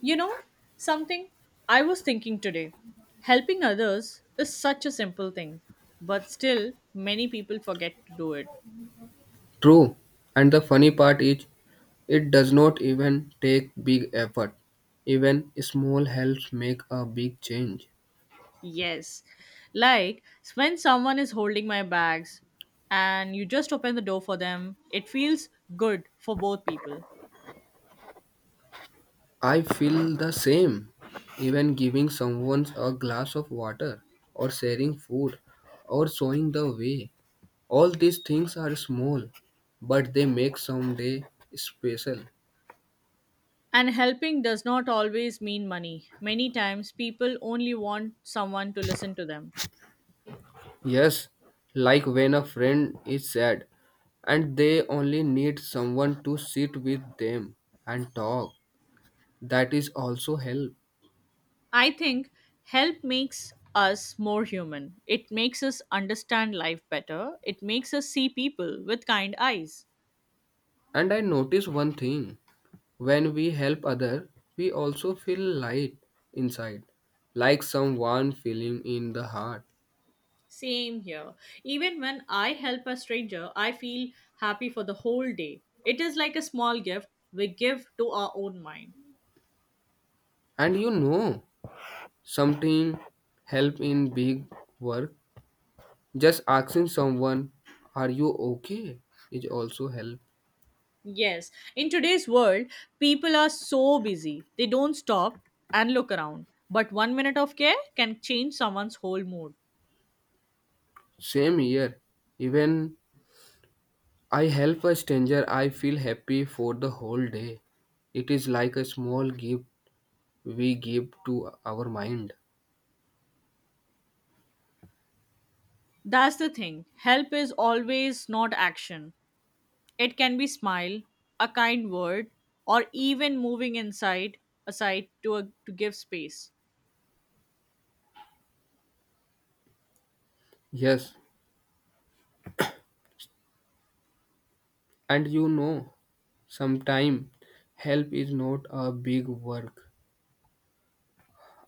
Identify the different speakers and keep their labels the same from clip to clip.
Speaker 1: You know, something I was thinking today. Helping others is such a simple thing, but still, many people forget to do it.
Speaker 2: True, and the funny part is, it does not even take big effort. Even small helps make a big change.
Speaker 1: Yes. Like when someone is holding my bags and you just open the door for them, it feels good for both people.
Speaker 2: I feel the same. Even giving someone a glass of water, or sharing food, or showing the way. All these things are small, but they make some day special.
Speaker 1: And helping does not always mean money. Many times, people only want someone to listen to them.
Speaker 2: Yes, like when a friend is sad and they only need someone to sit with them and talk, that is also help.
Speaker 1: I think help makes us more human. It makes us understand life better. It makes us see people with kind eyes.
Speaker 2: And I notice one thing, when we help other we also feel light inside, like someone feeling in the heart.
Speaker 1: Same here. Even when I help a stranger, I feel happy for the whole day. It is like a small gift we give to our own mind.
Speaker 2: And you know something, help in big work, just asking someone are you okay is also help.
Speaker 1: Yes, in today's world, people are so busy. They don't stop and look around. But one minute of care can change someone's whole mood.
Speaker 2: Same here, even I help a stranger I feel happy for the whole day. It is like a small gift we give to our mind.
Speaker 1: That's the thing. Help is always not action. It can be smile, a kind word, or even moving inside aside to a, to give space.
Speaker 2: Yes. And sometimes help is not a big work.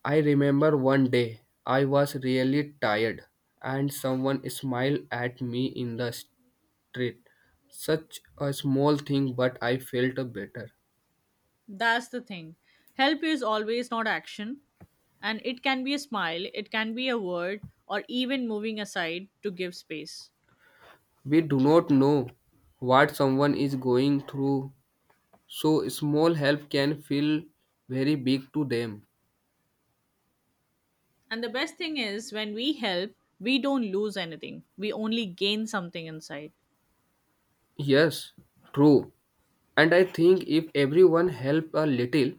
Speaker 2: I remember one day I was really tired and someone smiled at me in the street. Such a small thing, but I felt better.
Speaker 1: That's the thing. Help is always not action, and it can be a smile, it can be a word, or even moving aside to give space.
Speaker 2: We do not know what someone is going through, so small help can feel very big to them.
Speaker 1: And the best thing is when we help, we don't lose anything. We only gain something inside.
Speaker 2: Yes, true. And I think if everyone help a little,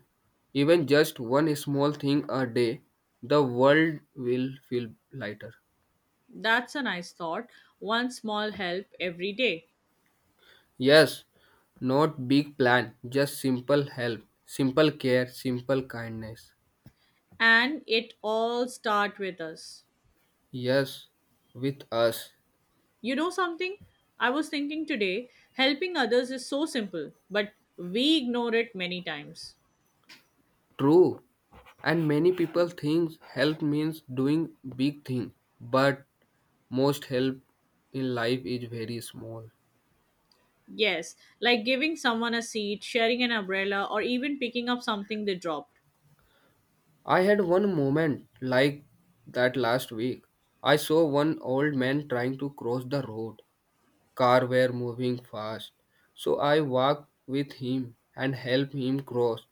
Speaker 2: even just one small thing a day, the world will feel lighter.
Speaker 1: That's a nice thought. One small help every day.
Speaker 2: Yes, not big plan, just simple help, simple care, simple kindness.
Speaker 1: And it all start with us.
Speaker 2: Yes, with us.
Speaker 1: You know something? I was thinking today, helping others is so simple, but we ignore it many times.
Speaker 2: True. And many people think help means doing big thing, but most help in life is very small.
Speaker 1: Yes, like giving someone a seat, sharing an umbrella, or even picking up something they dropped.
Speaker 2: I had one moment like that last week. I saw one old man trying to cross the road. Car were moving fast. So I walked with him and helped him cross.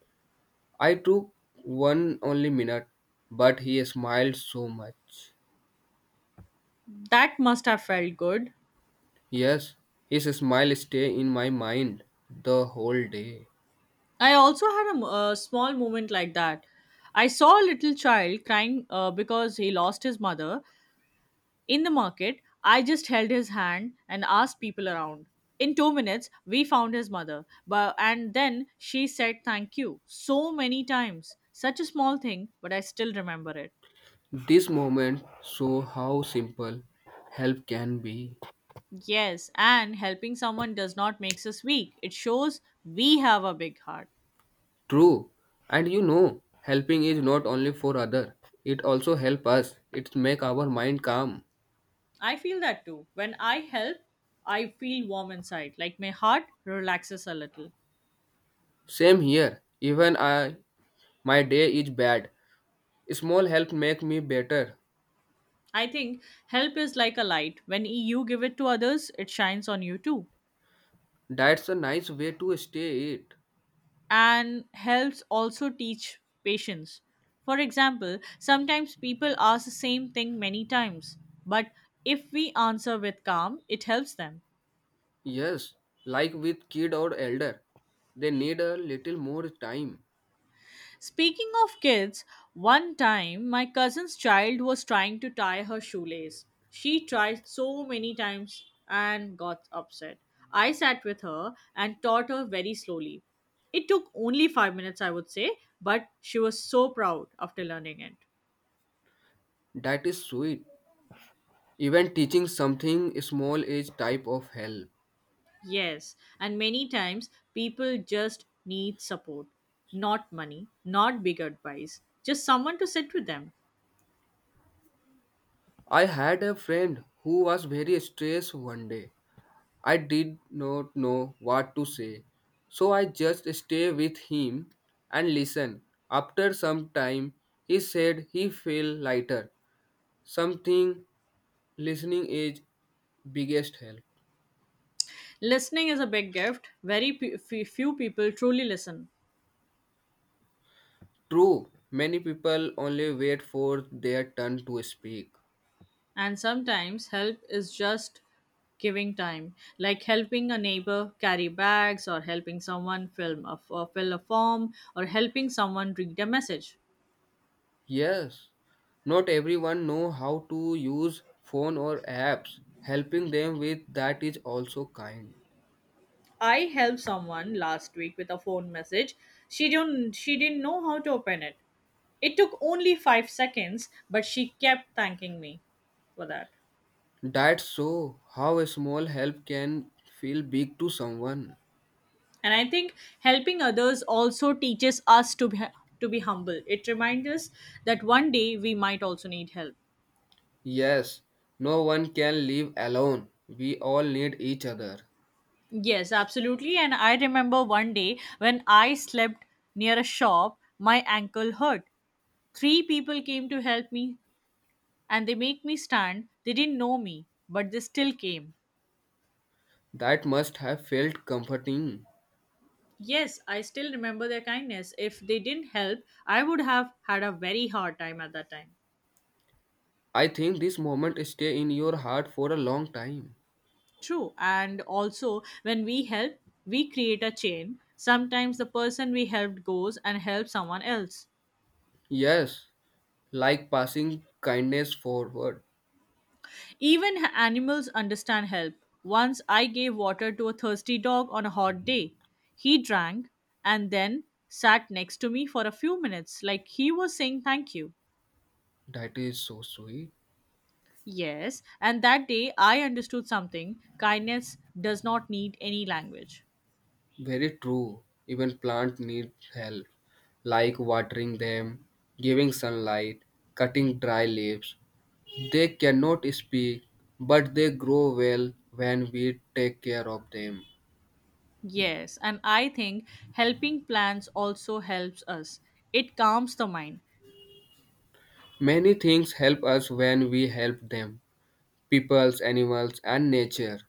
Speaker 2: I took one only minute, but he smiled so much.
Speaker 1: That must have felt good.
Speaker 2: Yes, his smile stay in my mind the whole day.
Speaker 1: I also had a small moment like that. I saw a little child crying because he lost his mother, in the market, I just held his hand and asked people around. In 2 minutes, we found his mother, and then she said thank you so many times. Such a small thing, but I still remember it.
Speaker 2: This moment show how simple help can be.
Speaker 1: Yes, and helping someone does not makes us weak. It shows we have a big heart.
Speaker 2: True. And helping is not only for other. It also help us. It make our mind calm.
Speaker 1: I feel that too. When I help, I feel warm inside, like my heart relaxes a little.
Speaker 2: Same here. Even I, my day is bad. Small help make me better.
Speaker 1: I think help is like a light. When you give it to others, it shines on you too.
Speaker 2: That's a nice way to stay it.
Speaker 1: And helps also teach patience. For example, sometimes people ask the same thing many times, but if we answer with calm, it helps them.
Speaker 2: Yes, like with kid or elder. They need a little more time.
Speaker 1: Speaking of kids, one time my cousin's child was trying to tie her shoelace. She tried so many times and got upset. I sat with her and taught her very slowly. It took only 5 minutes, I would say, but she was so proud after learning it.
Speaker 2: That is sweet. Even teaching something small is type of help.
Speaker 1: Yes, and many times people just need support, not money, not big advice, just someone to sit with them.
Speaker 2: I had a friend who was very stressed one day. I did not know what to say, so I just stayed with him and listened. After some time, he said he felt lighter. Something listening is biggest help.
Speaker 1: Listening is a big gift. Very few people truly listen,
Speaker 2: True, many people only wait for their turn to speak.
Speaker 1: and sometimes help is just giving time, like helping a neighbor carry bags, or helping someone or fill a form, or helping someone read a message.
Speaker 2: Yes, not everyone know how to use phone or apps. Helping them with that is also kind.
Speaker 1: I helped someone last week with a phone message. She didn't know how to open it. It took only 5 seconds, but she kept thanking me for that.
Speaker 2: That's so how a small help can feel big to someone.
Speaker 1: And I think helping others also teaches us to be humble. It reminds us that one day we might also need help.
Speaker 2: Yes, no one can live alone. We all need each other.
Speaker 1: Yes, absolutely. And I remember one day when I slept near a shop, my ankle hurt. Three people came to help me, and they make me stand. They didn't know me, but they still came.
Speaker 2: That must have felt comforting.
Speaker 1: Yes, I still remember their kindness. If they didn't help, I would have had a very hard time at that time.
Speaker 2: I think this moment stay in your heart for a long time.
Speaker 1: True. And also, when we help, we create a chain. Sometimes the person we helped goes and helps someone else.
Speaker 2: Yes, like passing kindness forward.
Speaker 1: Even animals understand help. Once I gave water to a thirsty dog on a hot day. He drank and then sat next to me for a few minutes, like he was saying thank you.
Speaker 2: That is so sweet.
Speaker 1: Yes, and that day I understood something: kindness does not need any language.
Speaker 2: Very true. Even plants need help, like watering them, giving sunlight, cutting dry leaves. They cannot speak, but they grow well when we take care of them.
Speaker 1: Yes, and I think helping plants also helps us. It calms the mind.
Speaker 2: Many things help us when we help them, peoples, animals, and nature.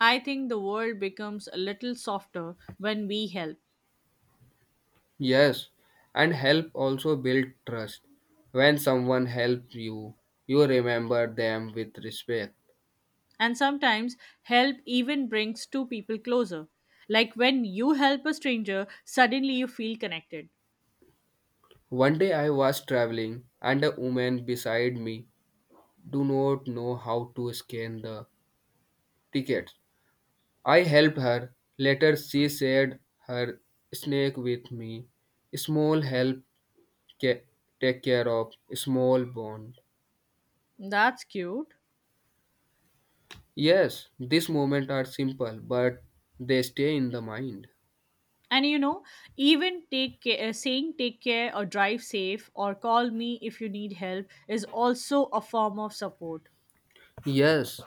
Speaker 1: I think the world becomes a little softer when we help.
Speaker 2: Yes, and help also build trust. When someone helps you, you remember them with respect.
Speaker 1: And sometimes help even brings two people closer. Like when you help a stranger, suddenly you feel connected.
Speaker 2: One day I was traveling, and a woman beside me do not know how to scan the ticket. I helped her. Later, she shared her snake with me. Small help ca- take care of small bond.
Speaker 1: That's cute.
Speaker 2: Yes, these moments are simple, but they stay in the mind.
Speaker 1: And you know, even take care, saying take care or drive safe or call me if you need help is also a form of support.
Speaker 2: Yes,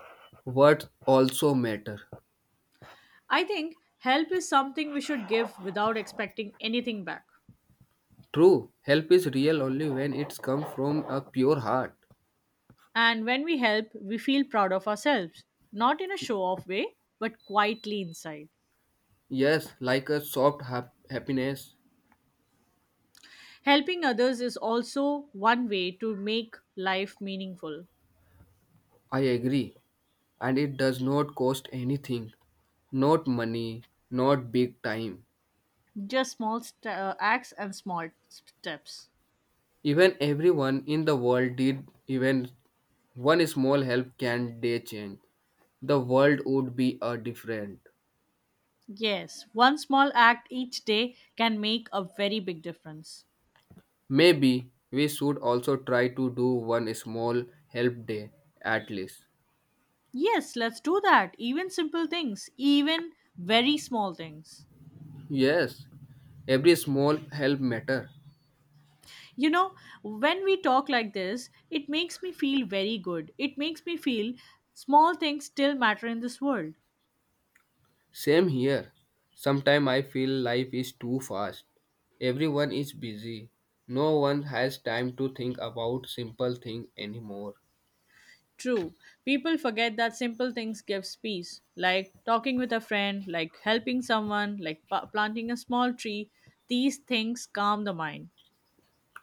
Speaker 2: words also matter.
Speaker 1: I think help is something we should give without expecting anything back.
Speaker 2: True, help is real only when it's come from a pure heart.
Speaker 1: And when we help, we feel proud of ourselves, not in a show off way, but quietly inside.
Speaker 2: Yes, like a soft happiness.
Speaker 1: Helping others is also one way to make life meaningful.
Speaker 2: I agree, and it does not cost anything. Not money, not big time.
Speaker 1: Just small acts and small steps.
Speaker 2: Even everyone in the world did, even one small help can they change. The world would be a different.
Speaker 1: Yes, one small act each day can make a very big difference.
Speaker 2: Maybe we should also try to do one small help day at least.
Speaker 1: Yes, let's do that. Even simple things, even very small things.
Speaker 2: Yes, every small help matter.
Speaker 1: You know, when we talk like this, it makes me feel very good. It makes me feel small things still matter in this world.
Speaker 2: Same here. Sometimes I feel life is too fast. Everyone is busy. No one has time to think about simple things anymore.
Speaker 1: True. People forget that simple things gives peace, like talking with a friend, like helping someone, like planting a small tree. These things calm the mind.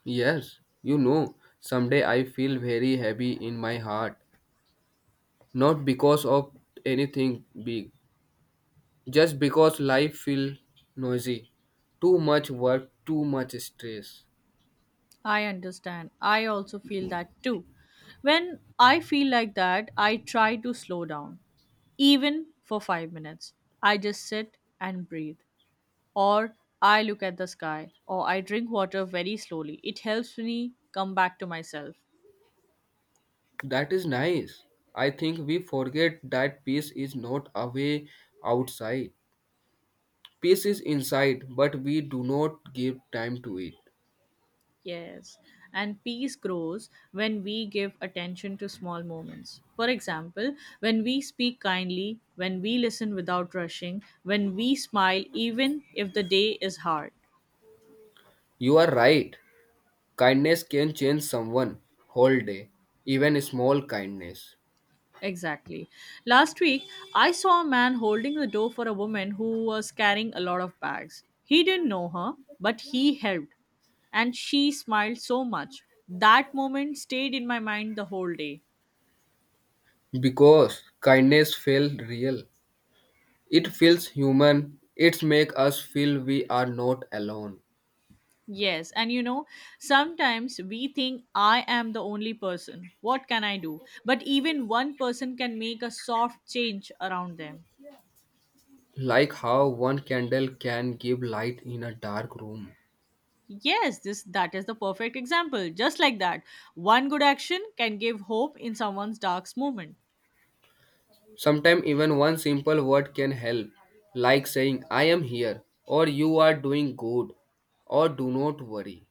Speaker 2: Yes, someday I feel very heavy in my heart, not because of anything big, just because life feels noisy. Too much work, too much stress.
Speaker 1: I understand. I also feel that too. When I feel like that, I try to slow down, even for 5 minutes. I just sit and breathe, or I look at the sky, or I drink water very slowly. It helps me come back to myself.
Speaker 2: That is nice. I think we forget that peace is not away outside. Peace is inside, but we do not give time to it.
Speaker 1: Yes. And peace grows when we give attention to small moments. For example, when we speak kindly, when we listen without rushing, when we smile, even if the day is hard.
Speaker 2: You are right. Kindness can change someone whole day, even small kindness.
Speaker 1: Exactly. Last week, I saw a man holding the door for a woman who was carrying a lot of bags. He didn't know her, but he helped. And she smiled so much. That moment stayed in my mind the whole day.
Speaker 2: Because kindness feels real. It feels human. It makes us feel we are not alone.
Speaker 1: Yes, and you know, sometimes we think I am the only person. What can I do? But even one person can make a soft change around them.
Speaker 2: Like how one candle can give light in a dark room.
Speaker 1: Yes, this that is the perfect example. Just like that, one good action can give hope in someone's dark moment.
Speaker 2: Sometimes even one simple word can help, like saying I am here, or you are doing good, or do not worry.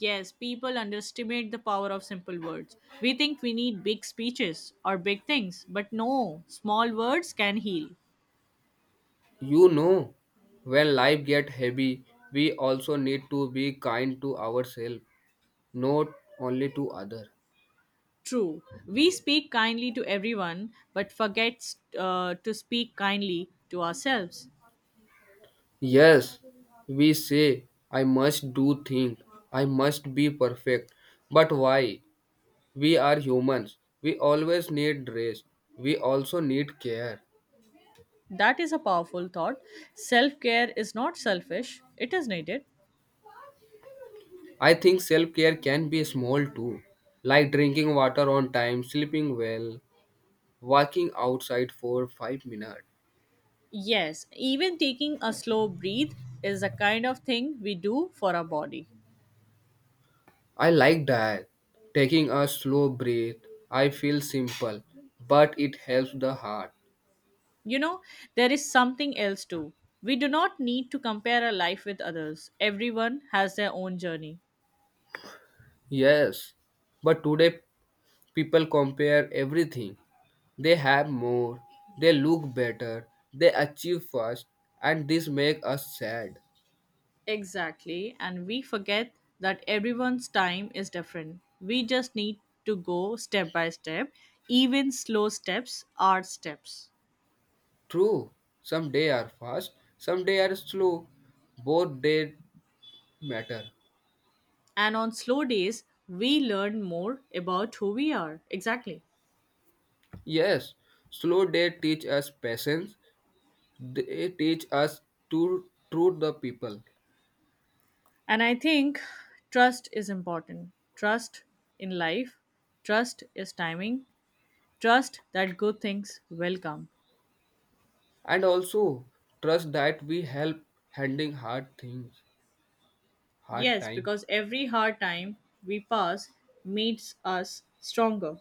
Speaker 1: Yes, people underestimate the power of simple words. We think we need big speeches or big things, but no, small words can heal.
Speaker 2: You know, when life gets heavy, we also need to be kind to ourselves, not only to others.
Speaker 1: True, we speak kindly to everyone, but forget to speak kindly to ourselves.
Speaker 2: Yes, we say, I must do things, I must be perfect. But why? We are humans. We always need rest. We also need care.
Speaker 1: That is a powerful thought. Self care is not selfish, it is needed.
Speaker 2: I think self care can be small too, like drinking water on time, sleeping well, walking outside for 5 minutes.
Speaker 1: Yes, even taking a slow breath is a kind of thing we do for our body.
Speaker 2: I like that. Taking a slow breath. I feel simple, but it helps the heart.
Speaker 1: You know, there is something else too. We do not need to compare our life with others. Everyone has their own journey.
Speaker 2: Yes, but today people compare everything. They have more, they look better, they achieve fast, and this make us sad.
Speaker 1: Exactly, and we forget that everyone's time is different. We just need to go step by step. Even slow steps are steps.
Speaker 2: True, some day are fast, some day are slow. Both day matter.
Speaker 1: And on slow days, we learn more about who we are. Exactly.
Speaker 2: Yes, slow day teach us patience. They teach us to treat the people,
Speaker 1: And I think trust is important. Trust in life, trust is timing, trust that good things will come.
Speaker 2: and also trust that we help handling hard things, hard
Speaker 1: Yes,
Speaker 2: time.
Speaker 1: because every hard time we pass makes us stronger.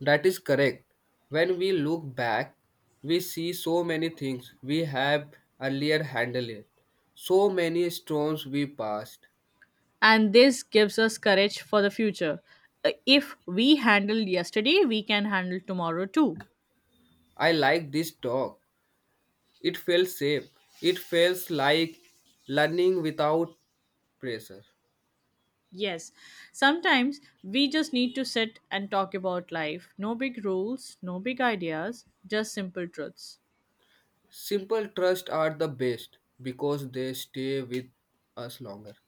Speaker 2: That is correct. When we look back, we see so many things we have earlier handled, so many storms we passed.
Speaker 1: And this gives us courage for the future. If we handled yesterday, we can handle tomorrow too.
Speaker 2: I like this talk. It felt safe. It feels like learning without pressure.
Speaker 1: Yes, sometimes we just need to sit and talk about life. No big rules, no big ideas, just simple truths.
Speaker 2: Simple trust are the best because they stay with us longer.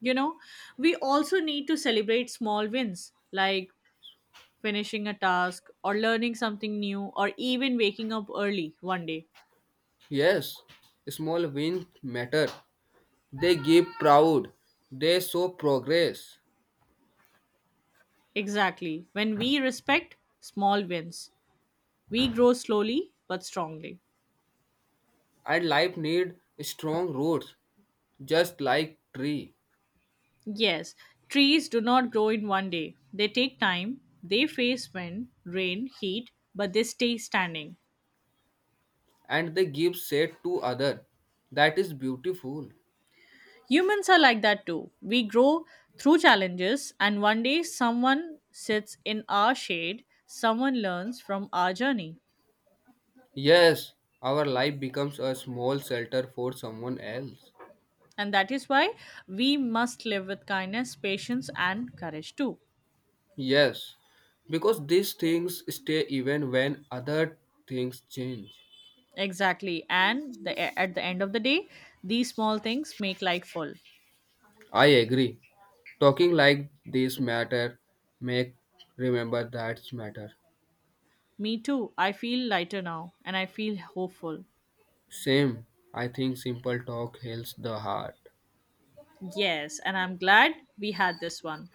Speaker 1: You know, we also need to celebrate small wins like finishing a task or learning something new or even waking up early one day.
Speaker 2: Yes, small wins matter. They give proud. They show progress.
Speaker 1: Exactly. When we respect small wins, we grow slowly but strongly.
Speaker 2: And life need strong roots, just like tree.
Speaker 1: Yes, trees do not grow in one day. They take time, they face wind, rain, heat, but they stay standing.
Speaker 2: And they give shade to other, that is beautiful.
Speaker 1: Humans are like that too. We grow through challenges, and one day someone sits in our shade, someone learns from our journey.
Speaker 2: Yes, our life becomes a small shelter for someone else.
Speaker 1: And that is why we must live with kindness, patience, and courage too.
Speaker 2: Yes, because these things stay even when other things change.
Speaker 1: Exactly. And at the end of the day, these small things make life full.
Speaker 2: I agree, talking like this matter, make remember that matter.
Speaker 1: Me too. I feel lighter now and I feel hopeful.
Speaker 2: Same. I think simple talk heals the heart.
Speaker 1: Yes. And I'm glad we had this one.